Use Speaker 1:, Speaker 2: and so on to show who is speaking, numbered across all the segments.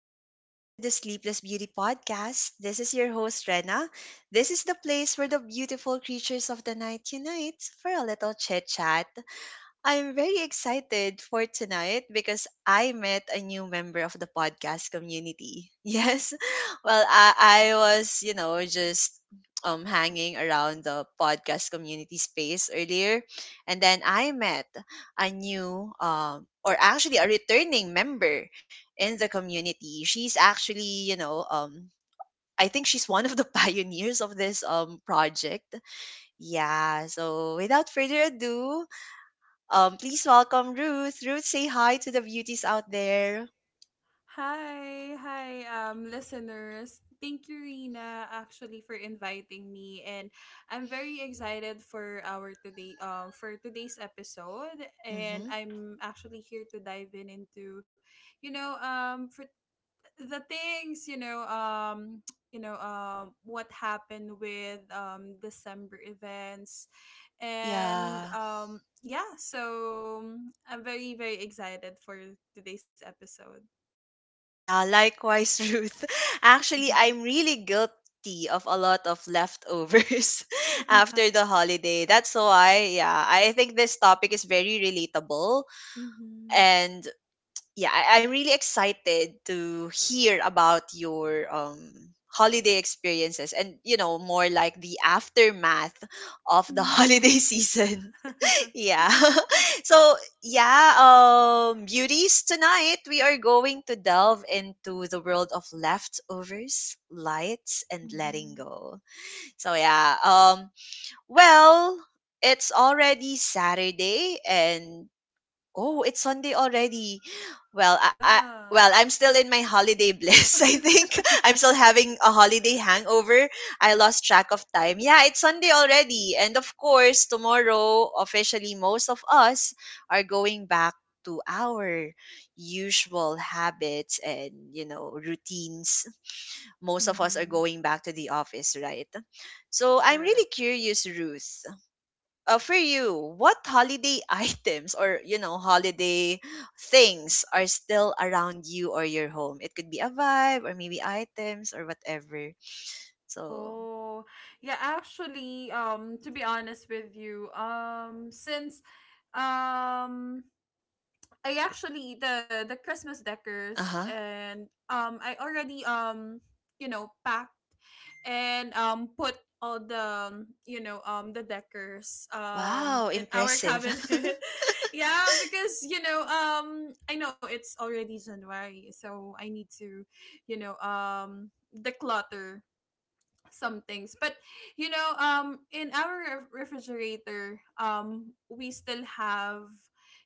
Speaker 1: Welcome back to the Sleepless Beauty Podcast. This is your host, Rena. This is the place where the beautiful creatures of the night unite for a little chit chat. I'm very excited for tonight because I met a new member of the podcast community. Yes. Well, I was, you know, just hanging around the podcast community space earlier and then I met a new or actually a returning member in the community. She's actually, you know, I think she's one of the pioneers of this project. Yeah, so without further ado, please welcome Ruth. Ruth, say hi to the beauties out there.
Speaker 2: Hi, hi, listeners. Thank you, Rina, actually for inviting me, and I'm very excited for our for today's episode. And
Speaker 1: Mm-hmm.
Speaker 2: I'm actually here to dive in into, you know, for the things, you know, you know, what happened with December events, and
Speaker 1: Yeah.
Speaker 2: yeah. So I'm very, very excited for today's episode.
Speaker 1: Yeah, likewise, Ruth. Actually, I'm really guilty of a lot of leftovers after the holiday. That's why, yeah, I think this topic is very relatable.
Speaker 2: mhm.
Speaker 1: And yeah, I, I'm really excited to hear about your holiday experiences and you know more like the aftermath of the
Speaker 2: Mhm.
Speaker 1: holiday season. Yeah. So, yeah, beauties, tonight we are going to delve into the world of leftovers, lights and letting go. So, yeah, well, it's already Saturday and... Oh, it's Sunday already. Well, I
Speaker 2: Yeah.
Speaker 1: well, I'm still in my holiday bliss, I think. I'm still having a holiday hangover. I lost track of time. Yeah, it's Sunday already. And of course, tomorrow, officially most of us are going back to our usual habits and, you know, routines. Most of us are
Speaker 2: Mhm.
Speaker 1: going back to the office, right? So, I'm
Speaker 2: Correct.
Speaker 1: really curious, Ruth, for you, what holiday items or you know holiday things are still around you or your home? It could be a vibe or maybe items or whatever. So,
Speaker 2: Oh, yeah, actually, to be honest with you, since um I actually the Christmas decors
Speaker 1: uh huh.
Speaker 2: and I already you know packed and put all the the decors
Speaker 1: Wow,
Speaker 2: in our
Speaker 1: impressive.
Speaker 2: cabinet. Yeah, because you know I know it's already January, so I need to you know declutter some things but you know in our refrigerator we still have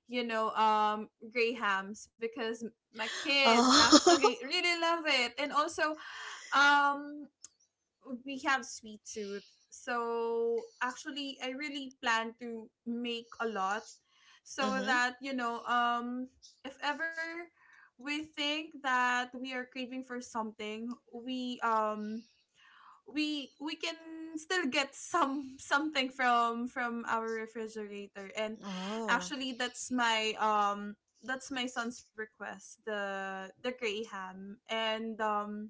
Speaker 2: you know gray hams because my kids actually
Speaker 1: Oh.
Speaker 2: really love it and also um we have sweet tooth so actually I really plan to make a lot so
Speaker 1: Mhm.
Speaker 2: that you know if ever we think that we are craving for something, we can still get some something from our refrigerator and
Speaker 1: Oh.
Speaker 2: actually that's my son's request, the gray ham and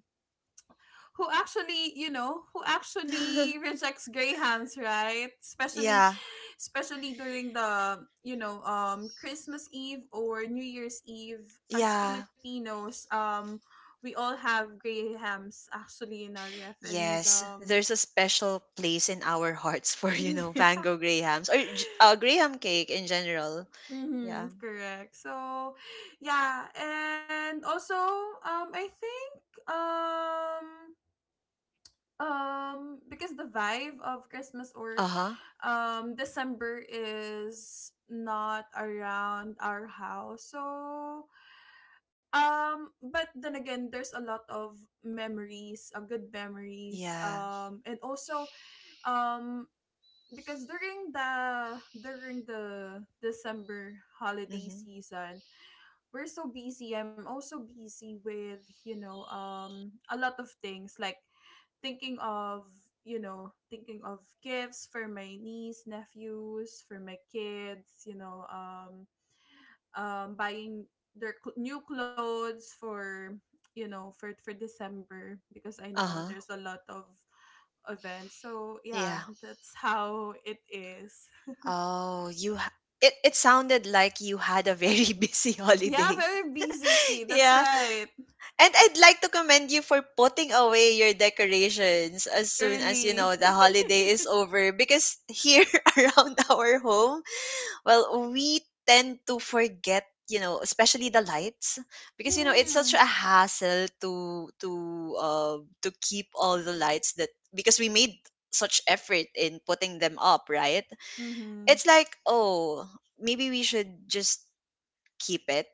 Speaker 2: who actually you know who actually rejects gray hams, right? Especially
Speaker 1: Yeah.
Speaker 2: especially during the you know Christmas Eve or New Year's Eve, as
Speaker 1: Yeah.
Speaker 2: Filipinos, we all have gray hams actually in our ref and
Speaker 1: Yes.
Speaker 2: um.
Speaker 1: There's a special place in our hearts for you know
Speaker 2: Yeah.
Speaker 1: Van Gogh Grahams or Graham cake in general. Yeah.
Speaker 2: Mm-hmm, correct. So, yeah, and also, um, I think, um, because the vibe of Christmas or
Speaker 1: Uh huh.
Speaker 2: December is not around our house, so but then again, there's a lot of memories, good memories,
Speaker 1: Yeah.
Speaker 2: and also um because during the December holiday
Speaker 1: Mm-hmm.
Speaker 2: season, we're so busy. I'm also busy with, you know, a lot of things like thinking of thinking of gifts for my niece, nephews, for my kids, you know, buying their new clothes for you know for December because I know
Speaker 1: Uh.
Speaker 2: there's a lot of events. So yeah,
Speaker 1: Yeah.
Speaker 2: that's how it is.
Speaker 1: Oh, it it sounded like you had a very busy
Speaker 2: Yeah,
Speaker 1: holiday.
Speaker 2: very busy. That's
Speaker 1: Yeah.
Speaker 2: right.
Speaker 1: And I'd like to commend you for putting away your decorations as soon as you know
Speaker 2: Early.
Speaker 1: the holiday is over, because here around our home, well, we tend to forget you know especially the lights, because you know it's such a
Speaker 2: mhm.
Speaker 1: hassle to uh to keep all the lights, that because we made such effort in putting them up, right?
Speaker 2: Mhm.
Speaker 1: It's like, oh, maybe we should just keep it.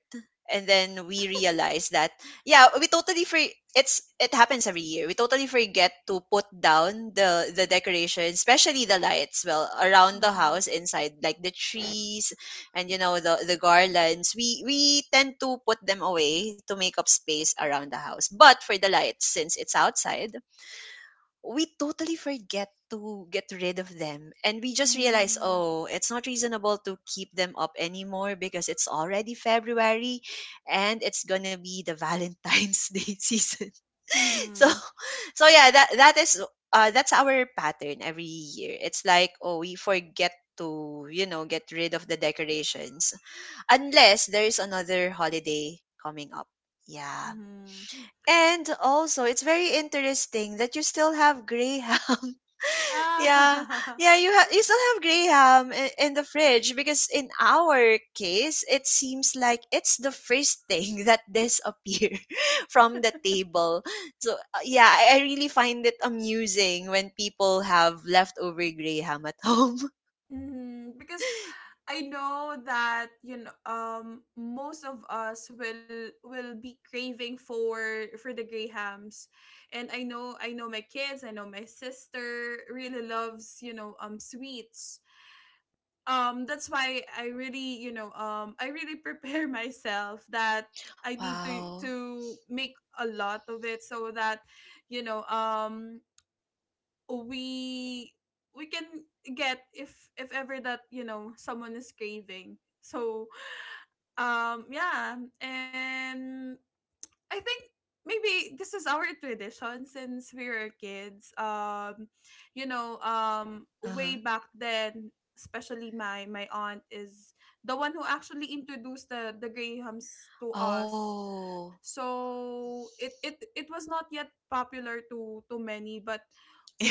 Speaker 1: And then we realize that yeah we totally free, it's, it happens every year, we totally forget to put down the decoration, especially the lights, well around the
Speaker 2: Mhm.
Speaker 1: house inside like the trees and you know the garlands, we tend to put them away to make up space around the house. But for the lights, since it's outside, we totally forget to get rid of them and we just realize
Speaker 2: Mm.
Speaker 1: oh it's not reasonable to keep them up anymore because it's already February and it's gonna be the Valentine's Day season. So,
Speaker 2: Mhm.
Speaker 1: so yeah, that that is, that's our pattern every year, it's like oh we forget to you know get rid of the decorations, unless there's another holiday coming up, yeah.
Speaker 2: Mhm.
Speaker 1: And also, it's very interesting that you still have Graham. Yeah,
Speaker 2: Yeah.
Speaker 1: yeah, you have, you still have Graham in the fridge, because in our case, it seems like it's the first thing that disappear from the table. So yeah, I really find it amusing when people have leftover grey ham at home.
Speaker 2: mhm. Because I know that you know most of us will be craving for the Grahams. And I know my kids, I know my sister really loves, you know, sweets. That's why I really you know I really prepare myself that I need to
Speaker 1: Wow.
Speaker 2: make a lot of it so that you know we we can get if ever that you know someone is craving so yeah and I think maybe this is our tradition since we were kids. You know, way
Speaker 1: Uh-huh.
Speaker 2: back then, especially my aunt is the one who actually introduced the Grahams to us.
Speaker 1: Oh.
Speaker 2: So it it was not yet popular to many, but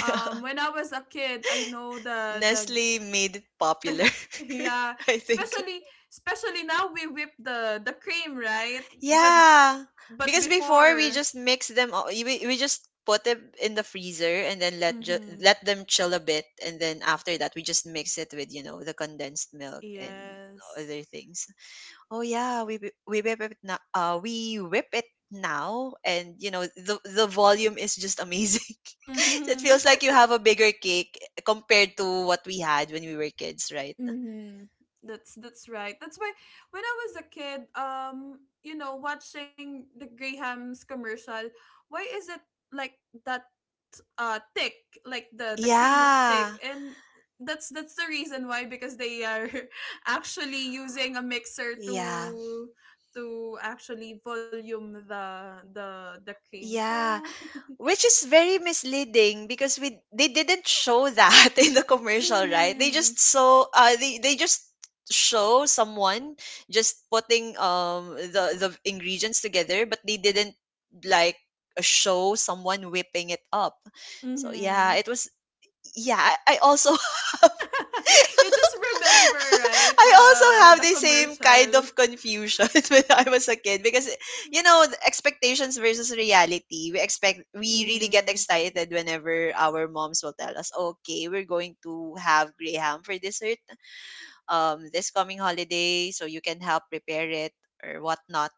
Speaker 1: Yeah.
Speaker 2: when I was a kid, I know the.
Speaker 1: Nestle made it popular,
Speaker 2: Yeah,
Speaker 1: I think.
Speaker 2: especially especially now we whip the cream, right? but
Speaker 1: Yeah,
Speaker 2: but
Speaker 1: because before
Speaker 2: before.
Speaker 1: we just mix them all. We just put them in the freezer and then
Speaker 2: Mm-hmm.
Speaker 1: let them chill a bit, and then after that we just mix it with you know the condensed milk and
Speaker 2: Yes.
Speaker 1: other things. Oh yeah, we whip it now. We whip it now, and you know the volume is just amazing. It
Speaker 2: Mm-hmm.
Speaker 1: feels like you have a bigger cake compared to what we had when we were kids, right?
Speaker 2: Mm-hmm. That's right. That's why when I was a kid, you know, watching the Graham's commercial, why is it like that thick? Like the cream is thick
Speaker 1: Yeah,
Speaker 2: and that's the reason why because they are actually using a mixer
Speaker 1: yeah,
Speaker 2: to actually volume the cream.
Speaker 1: yeah.
Speaker 2: So,
Speaker 1: Which is very misleading because we, they didn't show that in the commercial, right? They
Speaker 2: mhm.
Speaker 1: just saw, they just show someone just putting the ingredients together, but they didn't like show someone whipping it up. So yeah,
Speaker 2: Mhm.
Speaker 1: it was, yeah, I also
Speaker 2: You just remember, right?
Speaker 1: I
Speaker 2: The
Speaker 1: also have
Speaker 2: the
Speaker 1: the same kind
Speaker 2: commercial.
Speaker 1: of confusion when I was a kid because you know the expectations versus reality. We expect, we really get
Speaker 2: Mm-hmm.
Speaker 1: excited whenever our moms will tell us, "Okay, we're going to have graham for dessert this coming holiday, so you can help prepare it." Or whatnot.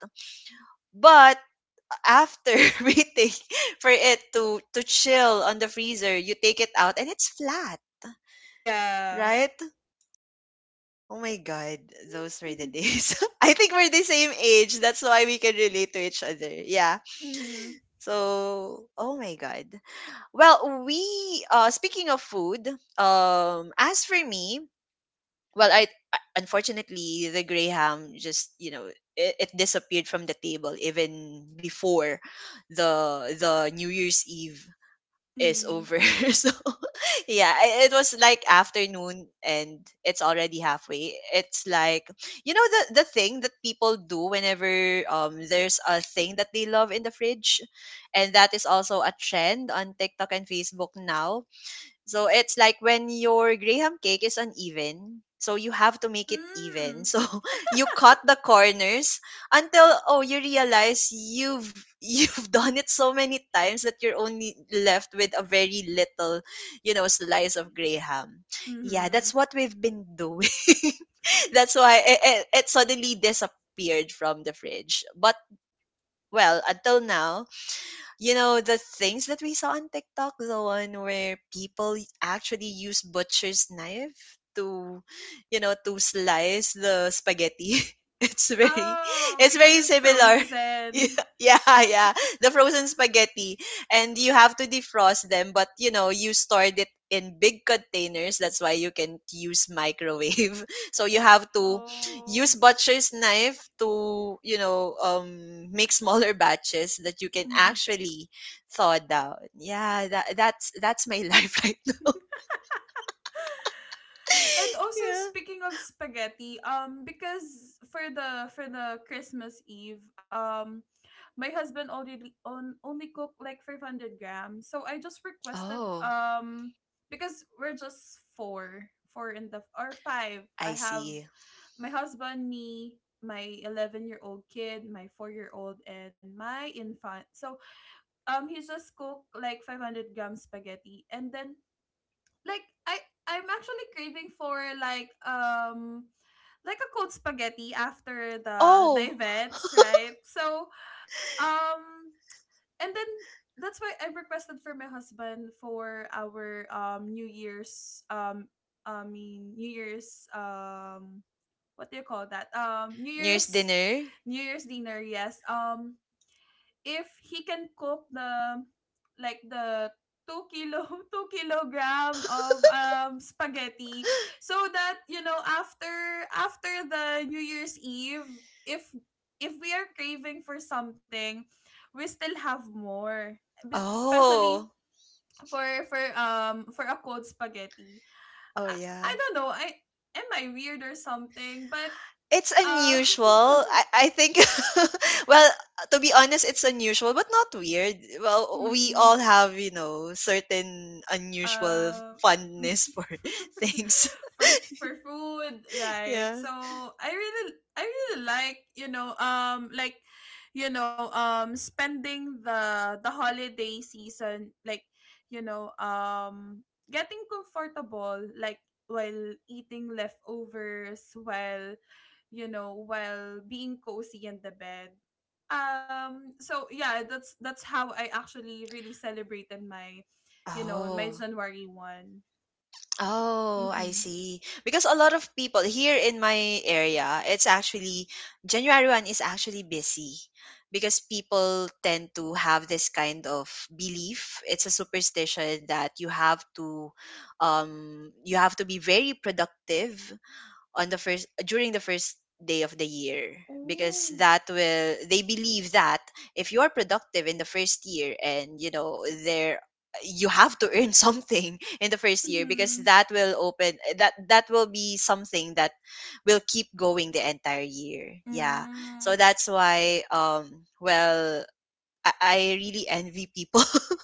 Speaker 1: But after waiting for it to chill on the freezer, you take it out and it's flat,
Speaker 2: Yeah.
Speaker 1: right? Oh my God, those were the days. I think we're the same age. That's why we can relate to each other. Yeah.
Speaker 2: mm-hmm.
Speaker 1: So, oh my God. Well, we speaking of food, as for me, well, I, unfortunately the grey ham just, you know, it disappeared from the table even before the New Year's Eve is
Speaker 2: Mm-hmm.
Speaker 1: over. So yeah, I- it was like afternoon and it's already halfway. It's like you know the thing that people do whenever there's a thing that they love in the fridge, and that is also a trend on TikTok and Facebook now, so it's like when your graham cake is uneven, so you have to make it even.
Speaker 2: Mm.
Speaker 1: So you cut the corners until, oh, you realize you've you've done it so many times that you're only left with a very little, you know, slice of graham. Yeah,
Speaker 2: Mm-hmm.
Speaker 1: that's what we've been doing. That's why it, it, it suddenly disappeared from the fridge. But well, until now, you know the things that we saw on TikTok, the one where people actually use butcher's knife to, you know, to slice the spaghetti. It's very,
Speaker 2: Oh,
Speaker 1: it's
Speaker 2: because
Speaker 1: very
Speaker 2: it's
Speaker 1: similar.
Speaker 2: frozen.
Speaker 1: Yeah, yeah, yeah. The frozen spaghetti, and you have to defrost them, but you know you stored it in big containers. That's why you can use microwave. So you have to use
Speaker 2: Oh.
Speaker 1: butcher's knife to you know make smaller batches that you can
Speaker 2: Mm-hmm.
Speaker 1: actually thaw down. Yeah, that that's my life right now.
Speaker 2: And also
Speaker 1: Yeah.
Speaker 2: speaking of spaghetti, because for the Christmas Eve, my husband already on only cooked like 500 grams. So I just requested
Speaker 1: Oh,
Speaker 2: because we're just four, four in the or five. I
Speaker 1: I
Speaker 2: have
Speaker 1: see.
Speaker 2: my husband, me, my 11-year old kid, my 4-year old, and my infant. So he just cooked like 500 grams spaghetti, and then like I'm actually craving for like a cold spaghetti after the
Speaker 1: Oh,
Speaker 2: events, right? So um and then that's why I requested for my husband for our New Year's I mean New Year's what do you call that? New
Speaker 1: near's
Speaker 2: Year's
Speaker 1: dinner.
Speaker 2: New Year's dinner, yes. If he can cook the like the 2 kilo 2 kilogram of spaghetti so that you know after the new year's eve if we are craving for something, we still have more. Especially
Speaker 1: Oh.
Speaker 2: for a cold spaghetti.
Speaker 1: Oh
Speaker 2: i, I
Speaker 1: yeah,
Speaker 2: don't know. I Am I weird or something? But
Speaker 1: it's
Speaker 2: uh
Speaker 1: unusual, I think. Well, to be honest, it's unusual but not weird. Well, we
Speaker 2: mhm.
Speaker 1: all have you know certain unusual
Speaker 2: Um,
Speaker 1: fondness for things.
Speaker 2: for food, right?
Speaker 1: Yeah.
Speaker 2: So I really like you know spending the holiday season like you know getting comfortable like while eating leftovers while you know while being cozy in the bed so yeah that's how I actually really celebrated my you know, my
Speaker 1: Oh.
Speaker 2: January 1st.
Speaker 1: Oh, I
Speaker 2: Mm-hmm.
Speaker 1: see. Because a lot of people here in my area, it's actually, January 1 is actually busy because people tend to have this kind of belief. It's a superstition that you have to, you have to be very productive on the first, during the first day of the year, because
Speaker 2: Oh.
Speaker 1: that will, they believe that if you are productive in the first year and you know there, you have to earn something in the first year, because
Speaker 2: Mm-hmm.
Speaker 1: that will open, that that will be something that will keep going the entire year, yeah. So
Speaker 2: Mm.
Speaker 1: that's why, well, I really envy people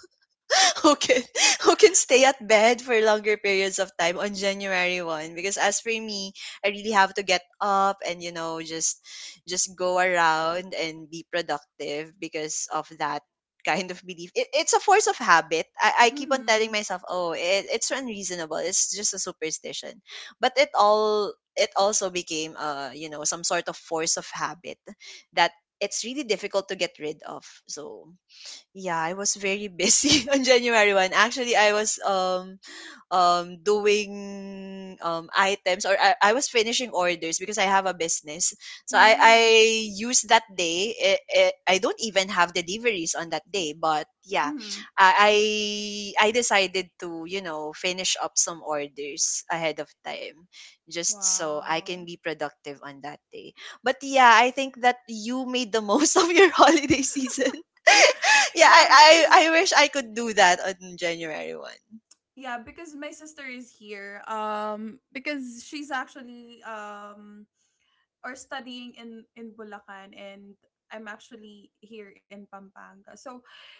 Speaker 1: who can who can stay at bed for longer periods of time on January 1, because as for me, I really have to get up and you know just go around and be productive because of that kind of belief, it, it's a force of habit, I keep on telling
Speaker 2: Mm-hmm.
Speaker 1: myself, oh, it, it's unreasonable, it's just a superstition, but it all, it also became you know some sort of force of habit that it's really difficult to get rid of. So yeah, I was very busy on January 1. Actually, I was doing items, or I was finishing orders because I have a business. So I
Speaker 2: Mm.
Speaker 1: use that day. It, I don't even have deliveries on that day, but yeah,
Speaker 2: Mm.
Speaker 1: I decided to you know finish up some orders ahead of time, just so I can
Speaker 2: Wow.
Speaker 1: be productive on that day. But yeah, I think that you made the most of your holiday season. Yeah,
Speaker 2: Yeah,
Speaker 1: I, I
Speaker 2: because
Speaker 1: I wish I could do that on January 1.
Speaker 2: yeah, because my sister is here. Because she's actually or studying in Bulacan and I'm actually here in Pampanga. So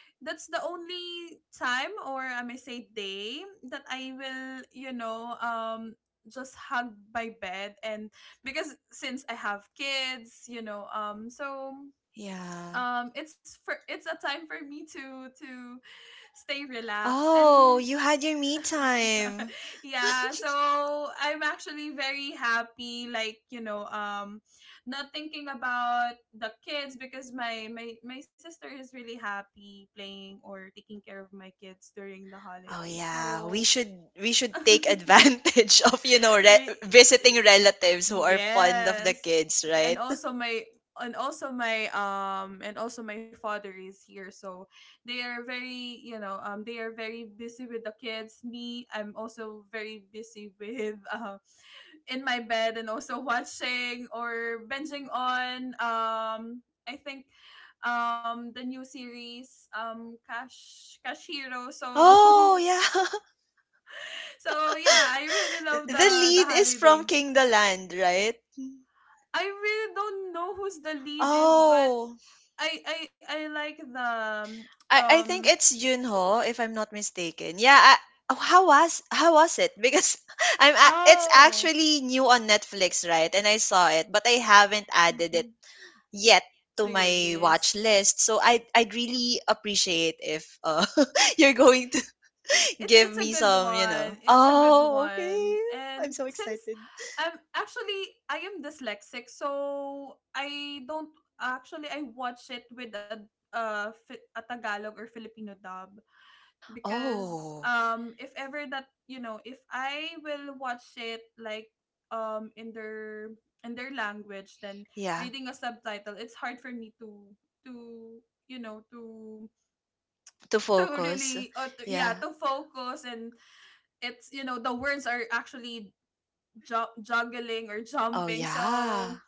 Speaker 2: that's the only time or I may say day that I will, you know, just hug my bed and because since I have kids, you know, so
Speaker 1: Yeah.
Speaker 2: it's for it's a time for me to stay relaxed
Speaker 1: Oh,
Speaker 2: and
Speaker 1: you had your me time.
Speaker 2: yeah so I'm actually very happy like you know not thinking about the kids because my sister is really happy playing or taking care of my kids during the
Speaker 1: Oh
Speaker 2: holiday
Speaker 1: yeah,
Speaker 2: so
Speaker 1: we should, we should take advantage of, you know,
Speaker 2: re-
Speaker 1: visiting relatives who are fond of the
Speaker 2: yes.
Speaker 1: kids,
Speaker 2: And
Speaker 1: right?
Speaker 2: also my and also my and also my father is here so they are very you know they are very busy with the kids. Me, I'm also very busy with in my bed and also watching or binging on I think the new series, Cash Cash Hero. So
Speaker 1: Oh yeah.
Speaker 2: so yeah I really
Speaker 1: The
Speaker 2: love the
Speaker 1: lead is from
Speaker 2: holiday.
Speaker 1: King the Land, right?
Speaker 2: I really don't know who's the lead is, but
Speaker 1: Oh,
Speaker 2: I like the
Speaker 1: I
Speaker 2: um
Speaker 1: think it's Yunho, if I'm not mistaken. Yeah, I, oh, how was, how was it? Because it's
Speaker 2: oh
Speaker 1: actually new on Netflix, right? And I saw it, but I haven't added it
Speaker 2: mhm.
Speaker 1: yet to
Speaker 2: So your
Speaker 1: my watch
Speaker 2: lists.
Speaker 1: list. So I'd really appreciate if you're going to give
Speaker 2: It's a
Speaker 1: me
Speaker 2: good
Speaker 1: some.
Speaker 2: one. It's a good
Speaker 1: Oh, okay.
Speaker 2: one.
Speaker 1: I'm
Speaker 2: And
Speaker 1: so
Speaker 2: since
Speaker 1: excited.
Speaker 2: I'm actually I am dyslexic, so I don't actually I watch it with a a Tagalog or Filipino dub. Because
Speaker 1: Oh,
Speaker 2: if ever that you know if I will watch it like in their language then
Speaker 1: yeah,
Speaker 2: reading a subtitle, it's hard for me to to you know to
Speaker 1: to focus.
Speaker 2: really yeah,
Speaker 1: Yeah.
Speaker 2: to focus and it's you know the words are actually juggling or
Speaker 1: Oh,
Speaker 2: jumping. So
Speaker 1: yeah.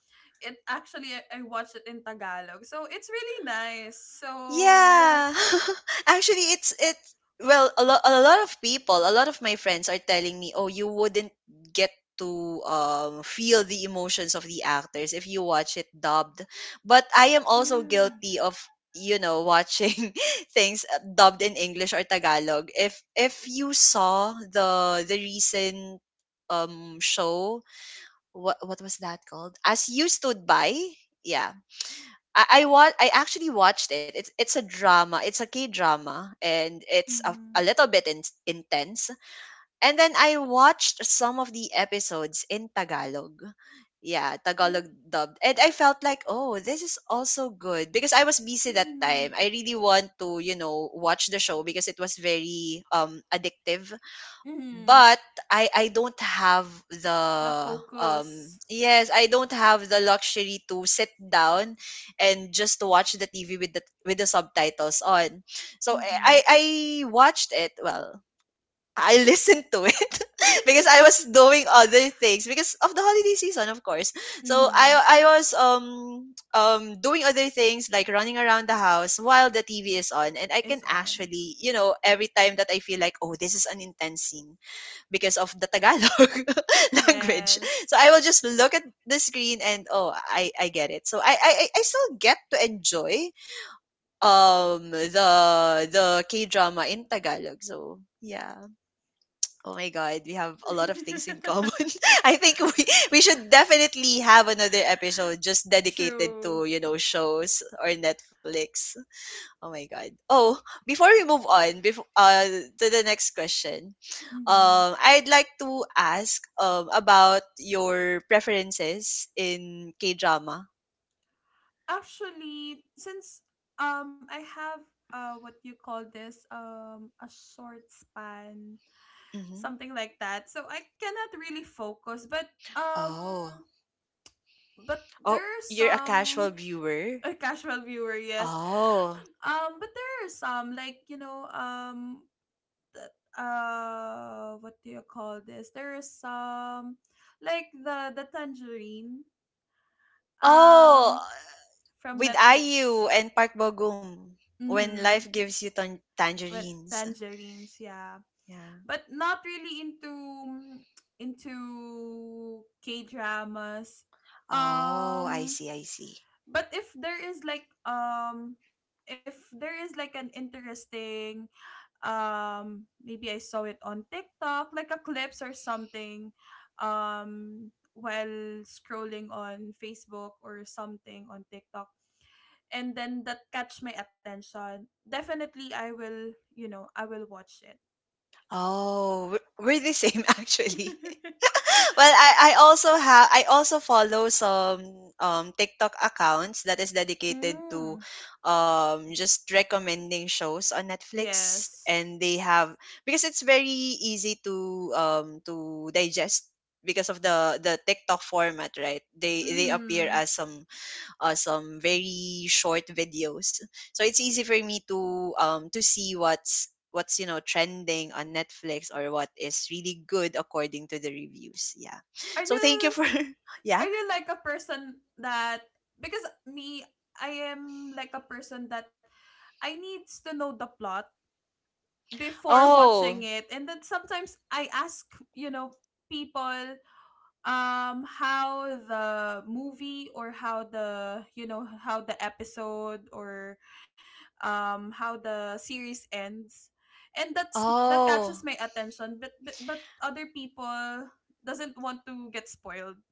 Speaker 2: it actually I watched it in tagalog so it's really nice so
Speaker 1: Yeah. Actually, it's well, a lot of people, a lot of my friends are telling me, "Oh, you wouldn't get to feel the emotions of the actors if you watch it dubbed." But I am also
Speaker 2: mm,
Speaker 1: guilty of watching things dubbed in English or Tagalog. If you saw the recent show, what was that called? As You Stood By? Yeah, I actually watched it. It's a drama. It's a K drama, and it's a little bit intense. And then I watched some of the episodes in Tagalog. Yeah,
Speaker 2: mhm.
Speaker 1: Tagalog dubbed, and I felt like, oh, this is also good because I was busy that
Speaker 2: Mm-hmm.
Speaker 1: time. I really want to, you know, watch the show because it was very addictive,
Speaker 2: Mm-hmm.
Speaker 1: but I don't have
Speaker 2: The
Speaker 1: the
Speaker 2: focus.
Speaker 1: yes, I don't have the luxury to sit down and just to watch the TV with the subtitles on. So I I
Speaker 2: Mm-hmm.
Speaker 1: I watched it, well, I listened to it because I was doing other things because of the holiday season, of course. So
Speaker 2: mm-hmm.
Speaker 1: I was doing other things like running around the house while the TV is on, and I
Speaker 2: It's
Speaker 1: can
Speaker 2: on.
Speaker 1: actually, you know, every time that I feel like, oh, this is an intense scene because of the Tagalog language. So
Speaker 2: Yes.
Speaker 1: I will just look at the screen and oh, I get it. So I still get to enjoy um the the K drama in Tagalog. So yeah. Oh my God, we have a lot of things in common. I think we should definitely have another episode just dedicated
Speaker 2: True.
Speaker 1: to, you know, shows or Netflix. Oh my God. Oh, before we move on, before to the next question,
Speaker 2: Mm-hmm.
Speaker 1: I'd like to ask, about your preferences in K drama.
Speaker 2: Actually, since I have what you call this a short span,
Speaker 1: Hmm.
Speaker 2: something like that. So I cannot really focus, um
Speaker 1: Oh,
Speaker 2: but there
Speaker 1: oh,
Speaker 2: are
Speaker 1: you're a casual
Speaker 2: some
Speaker 1: viewer.
Speaker 2: a casual viewer, yes.
Speaker 1: Oh,
Speaker 2: But there are some like, you know, th- what do you call this? There is some like the tangerine
Speaker 1: oh,
Speaker 2: um from
Speaker 1: with IU
Speaker 2: Netflix.
Speaker 1: and Park Bogum, when life
Speaker 2: Mm-hmm.
Speaker 1: gives you
Speaker 2: But
Speaker 1: tangerines.
Speaker 2: tangerines, yeah.
Speaker 1: Yeah.
Speaker 2: But not really into into K dramas.
Speaker 1: Oh, I
Speaker 2: Um
Speaker 1: see. I see.
Speaker 2: but if there is like an interesting maybe I saw it on TikTok, like a clips or something, while scrolling on Facebook or something on TikTok. And then that catch my attention. Definitely I will, you know, I will watch it.
Speaker 1: Oh, we we're the same actually. Well, I also have, I also follow some TikTok accounts that is dedicated to
Speaker 2: Mm,
Speaker 1: just recommending shows on Netflix,
Speaker 2: yes.
Speaker 1: and they have because it's very easy to digest because of the TikTok format, right? They appear
Speaker 2: Mm-hmm.
Speaker 1: as some very short videos. So it's easy for me to see what's you know trending on Netflix or what is really good according to the reviews. Yeah.
Speaker 2: Are
Speaker 1: So thank you
Speaker 2: you
Speaker 1: for yeah.
Speaker 2: are you like a person that because me I am like a person that I needs to know the plot before watching
Speaker 1: Oh.
Speaker 2: it and then sometimes I ask you know people how the movie or how the you know how the episode or how the series ends and that's that catches
Speaker 1: Oh.
Speaker 2: my attention but but other people doesn't want to get spoiled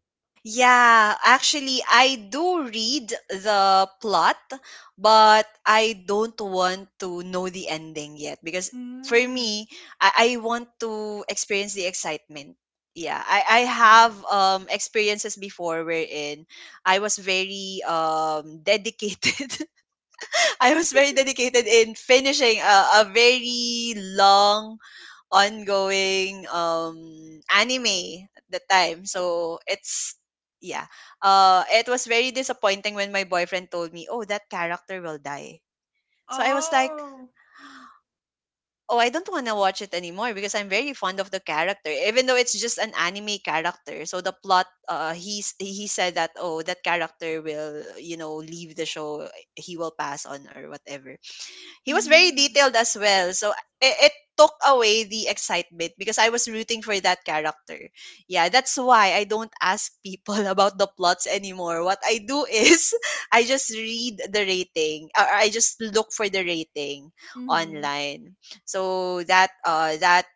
Speaker 1: Yeah, actually, I do read the plot, but I don't want to know the ending yet because for
Speaker 2: mm,
Speaker 1: me, I want to experience the excitement. Yeah, I
Speaker 2: ah.
Speaker 1: have experiences before wherein I was very dedicated. I was very dedicated in finishing a very long ongoing anime at the time. So it's yeah. It was very disappointing when my boyfriend told me, "Oh, that character will die." So I was like,
Speaker 2: oh
Speaker 1: "Oh, I don't want to watch it anymore because I'm very fond of the character, even though it's just an anime character." So the plot he said that, "Oh, that character will, you know, leave the show. He will pass on or whatever." He was very
Speaker 2: mm,
Speaker 1: detailed as well. So it took away the excitement because I was rooting for that character. Yeah, that's why I don't ask people about the plots anymore. What I do is I just read the rating or I just look for the rating
Speaker 2: mm-hmm.
Speaker 1: online. So that that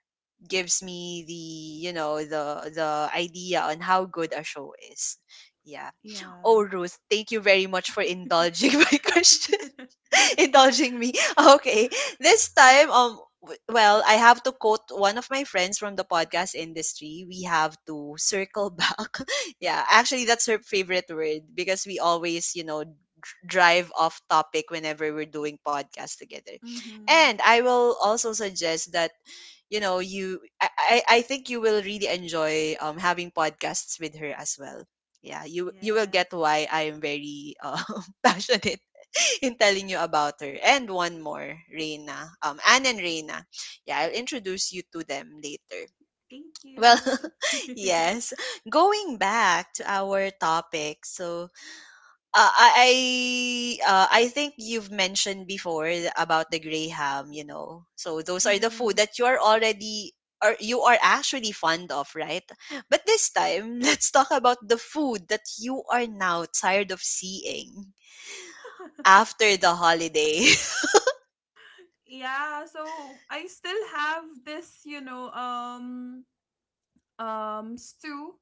Speaker 1: gives me the, you know, the idea on how good a show is. Yeah.
Speaker 2: yeah
Speaker 1: Oh Ruth, thank you very much for indulging my question. Indulging me. Okay. This time, well, I have to quote one of my friends from the podcast industry. We have to circle back. Yeah, actually, that's her favorite word because we always, you know, drive off topic whenever we're doing podcasts together.
Speaker 2: Mm-hmm.
Speaker 1: And I will also suggest that you know you I, I think you will really enjoy having podcasts with her as well, yeah, you will
Speaker 2: Yes.
Speaker 1: get why I am very passionate in telling you about her. And one more, Reina. Anne and Reina. Yeah, I'll introduce you to them later.
Speaker 2: Thank
Speaker 1: Well,
Speaker 2: you. Thank
Speaker 1: yes. Going back to our topic, so I think you've mentioned before about the graham, you know. So those are the food
Speaker 2: mm-hmm.
Speaker 1: that you are already or you are actually fond of, right? But this time, let's talk about the food that you are now tired of seeing after the holiday.
Speaker 2: yeah, so I still have this, you know, stew,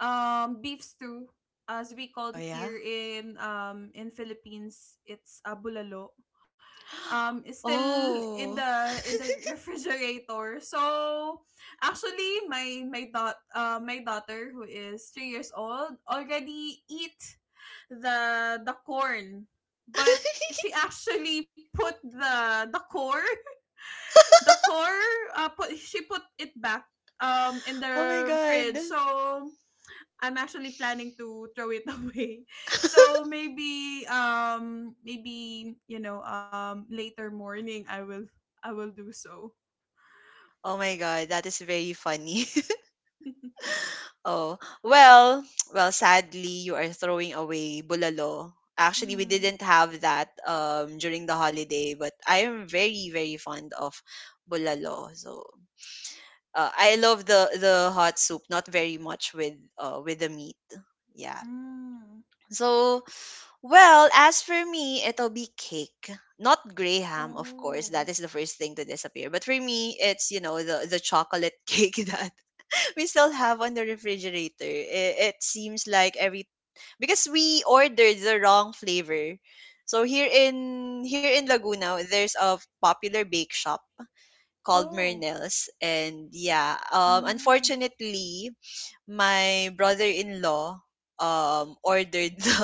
Speaker 2: beef stew, as we called
Speaker 1: Oh, yeah?
Speaker 2: here in Philippines, it's abulalo. Is still
Speaker 1: Oh.
Speaker 2: in the refrigerator. So actually, my daughter who is 3 years old already eat the corn, but she actually put the corn the core she put it back in
Speaker 1: Oh my
Speaker 2: the
Speaker 1: God.
Speaker 2: fridge so I'm actually planning to throw it away so maybe you know later morning I will do so.
Speaker 1: Oh my God, that is very funny. Oh, well, well, sadly, you are throwing away bulalo. Actually, we
Speaker 2: mm-hmm.
Speaker 1: didn't have that during the holiday, but I am very, very fond of bulalo. So, I love the hot soup, not very much with the meat. Yeah.
Speaker 2: mm.
Speaker 1: So, well, as for me, it'll be cake. Not grey ham, of course.
Speaker 2: oh
Speaker 1: That is the first thing to disappear. But for me, it's, you know, the chocolate cake that we still have on the refrigerator. It seems like every because we ordered the wrong flavor. So here in Laguna, there's a popular bake shop called
Speaker 2: oh
Speaker 1: Mernell's. And yeah,
Speaker 2: mm.
Speaker 1: unfortunately, my brother-in-law ordered the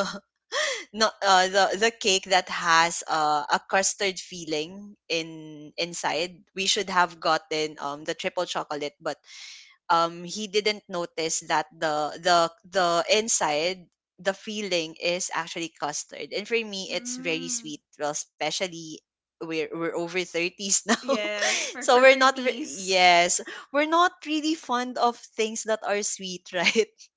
Speaker 1: no, the cake that has a custard filling in inside. We should have gotten the triple chocolate, but he didn't notice that the inside the filling is actually custard. And for me, it's very
Speaker 2: Mm.
Speaker 1: sweet. Well, especially we're
Speaker 2: S-
Speaker 1: over thirties now,
Speaker 2: yes
Speaker 1: so we're
Speaker 2: for
Speaker 1: not re-
Speaker 2: 30s,
Speaker 1: yes, we're not really fond of things that are sweet, right?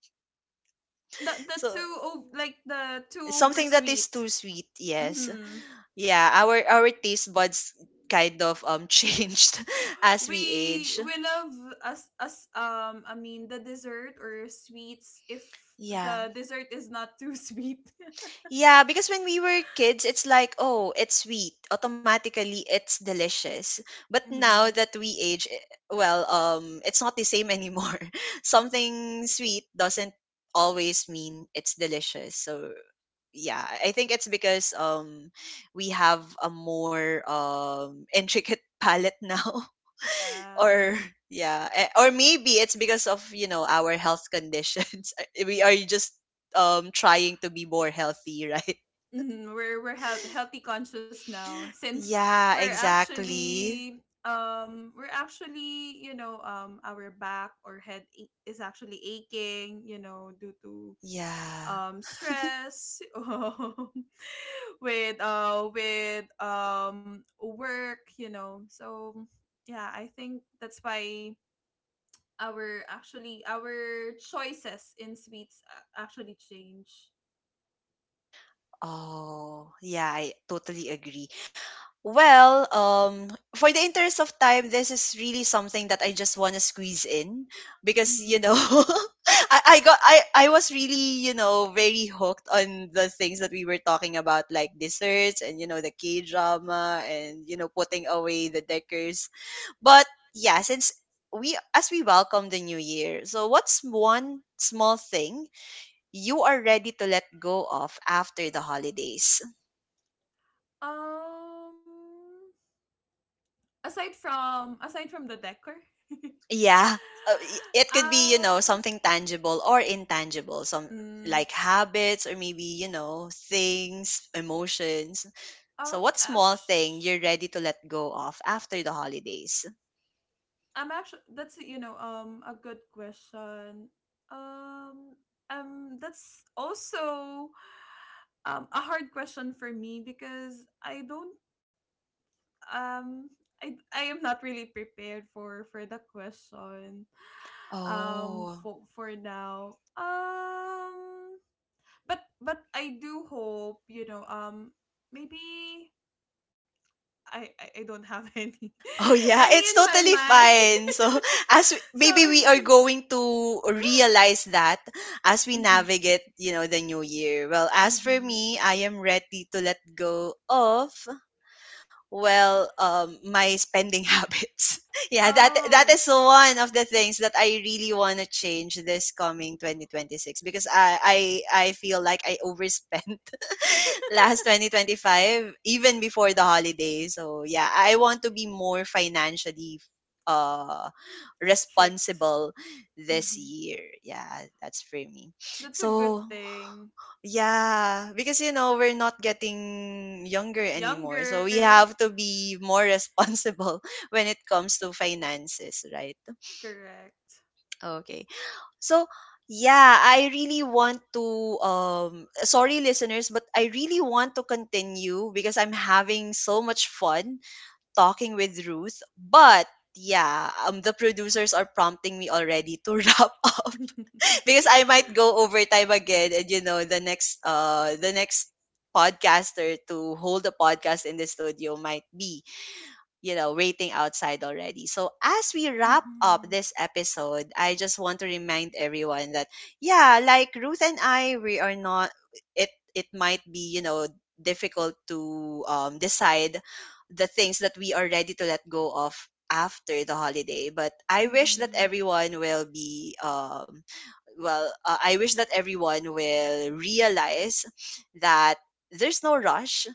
Speaker 1: So
Speaker 2: the two oversweet.
Speaker 1: something that is
Speaker 2: Sweet
Speaker 1: too sweet, yes.
Speaker 2: mm-hmm.
Speaker 1: Yeah, our taste buds kind of changed as we age.
Speaker 2: We love us us I mean the dessert or sweets if
Speaker 1: Yeah.
Speaker 2: the dessert is not too sweet.
Speaker 1: Yeah, because when we were kids, it's like, oh, it's sweet. Automatically, it's delicious. But now
Speaker 2: Mhm.
Speaker 1: that we age, eh, well, it's not the same anymore. Something sweet doesn't always mean it's delicious. So yeah, I think it's because we have a more intricate palette now
Speaker 2: Yeah.
Speaker 1: or yeah eh, or maybe it's because of, you know, our health conditions, we are just trying to be more healthy right,
Speaker 2: Mhm. Healthy conscious now since
Speaker 1: yeah,
Speaker 2: we're
Speaker 1: exactly,
Speaker 2: actually we're actually you know our back or head is actually aching you know due to
Speaker 1: yeah,
Speaker 2: stress with work you know so yeah I think that's why our choices in sweets actually change
Speaker 1: oh yeah, I totally agree. Well, for the interest of time, this is really something that I just want to squeeze in because, you know,
Speaker 2: hmm
Speaker 1: I got I was really, you know, very hooked on the things that we were talking about, like desserts and, you know, the K drama and, you know, putting away the deckers. But yeah, since we as we welcome the new year, so what's one small thing you are ready to let go of after the holidays?
Speaker 2: um aside from the decor
Speaker 1: Yeah, it could be, you know,
Speaker 2: um
Speaker 1: something tangible or intangible, some,
Speaker 2: mm,
Speaker 1: like, habits or maybe, you know, things, emotions. So, what
Speaker 2: ac-
Speaker 1: small
Speaker 2: actu-
Speaker 1: thing you're ready to let go of after the holidays?
Speaker 2: I'm actually that's you know a good question. Um that's also a hard question for me because I don't um I am not really prepared for the question
Speaker 1: Oh,
Speaker 2: for now. But I do hope, you know, maybe I don't have
Speaker 1: oh yeah,
Speaker 2: any
Speaker 1: it's
Speaker 2: in my
Speaker 1: totally
Speaker 2: mind.
Speaker 1: fine. So maybe we are
Speaker 2: Sorry.
Speaker 1: going to realize that as we
Speaker 2: Hmm
Speaker 1: navigate, you know, the new year. Well, as for
Speaker 2: hmm
Speaker 1: me, I am ready to let go of, well, my spending habits. Yeah, that
Speaker 2: Oh,
Speaker 1: is one of the things that I really want to change this coming 2026 because I feel like I overspent last 2025 even before the holiday, so yeah, I want to be more financially uh
Speaker 2: strict.
Speaker 1: responsible this
Speaker 2: Hmm
Speaker 1: year, yeah, that's for me.
Speaker 2: That's a
Speaker 1: So
Speaker 2: good thing.
Speaker 1: yeah, because, you know, we're not getting younger anymore, so we
Speaker 2: Younger.
Speaker 1: have to be more responsible when it comes to finances, right?
Speaker 2: Correct.
Speaker 1: Okay. So yeah, I really want to um sorry, listeners, but I really want to continue because I'm having so much fun talking with Ruth. But yeah, the producers are prompting me already to wrap up because I might go overtime again, and, you know, the next the next podcaster to hold a podcast in the studio might be, you know, rating outside already. So, as we wrap up
Speaker 2: hmm
Speaker 1: this episode, I just want to remind everyone that, yeah, like Ruth and I, we are not, it might be, you know, difficult to decide the things that we are ready to let go of after the holiday. But I wish that
Speaker 2: hmm
Speaker 1: everyone will be, well, I wish that everyone will realize that there's no rush.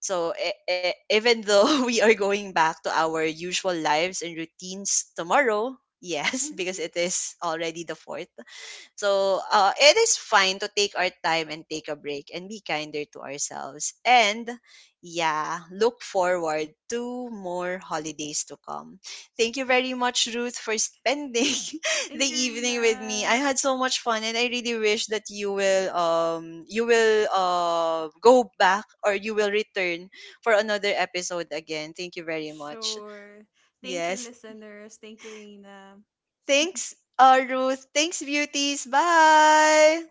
Speaker 1: So even though we are going back to our usual lives and routines tomorrow, yes, because
Speaker 2: hmm
Speaker 1: it is already the fourth. So it is fine to take our time and take a break and be kinder to ourselves. And yeah, look forward to more holidays to come. Thank you very much, Ruth, for spending the
Speaker 2: Thank you,
Speaker 1: evening with me. I
Speaker 2: Rina.
Speaker 1: had so much fun, and I really wish that you will go back or you will return for another episode again. Thank you very much.
Speaker 2: Sure. Thank you,
Speaker 1: Yes,
Speaker 2: listeners. Thank you, Rina.
Speaker 1: thanks, Ruth. Thanks, beauties. Bye.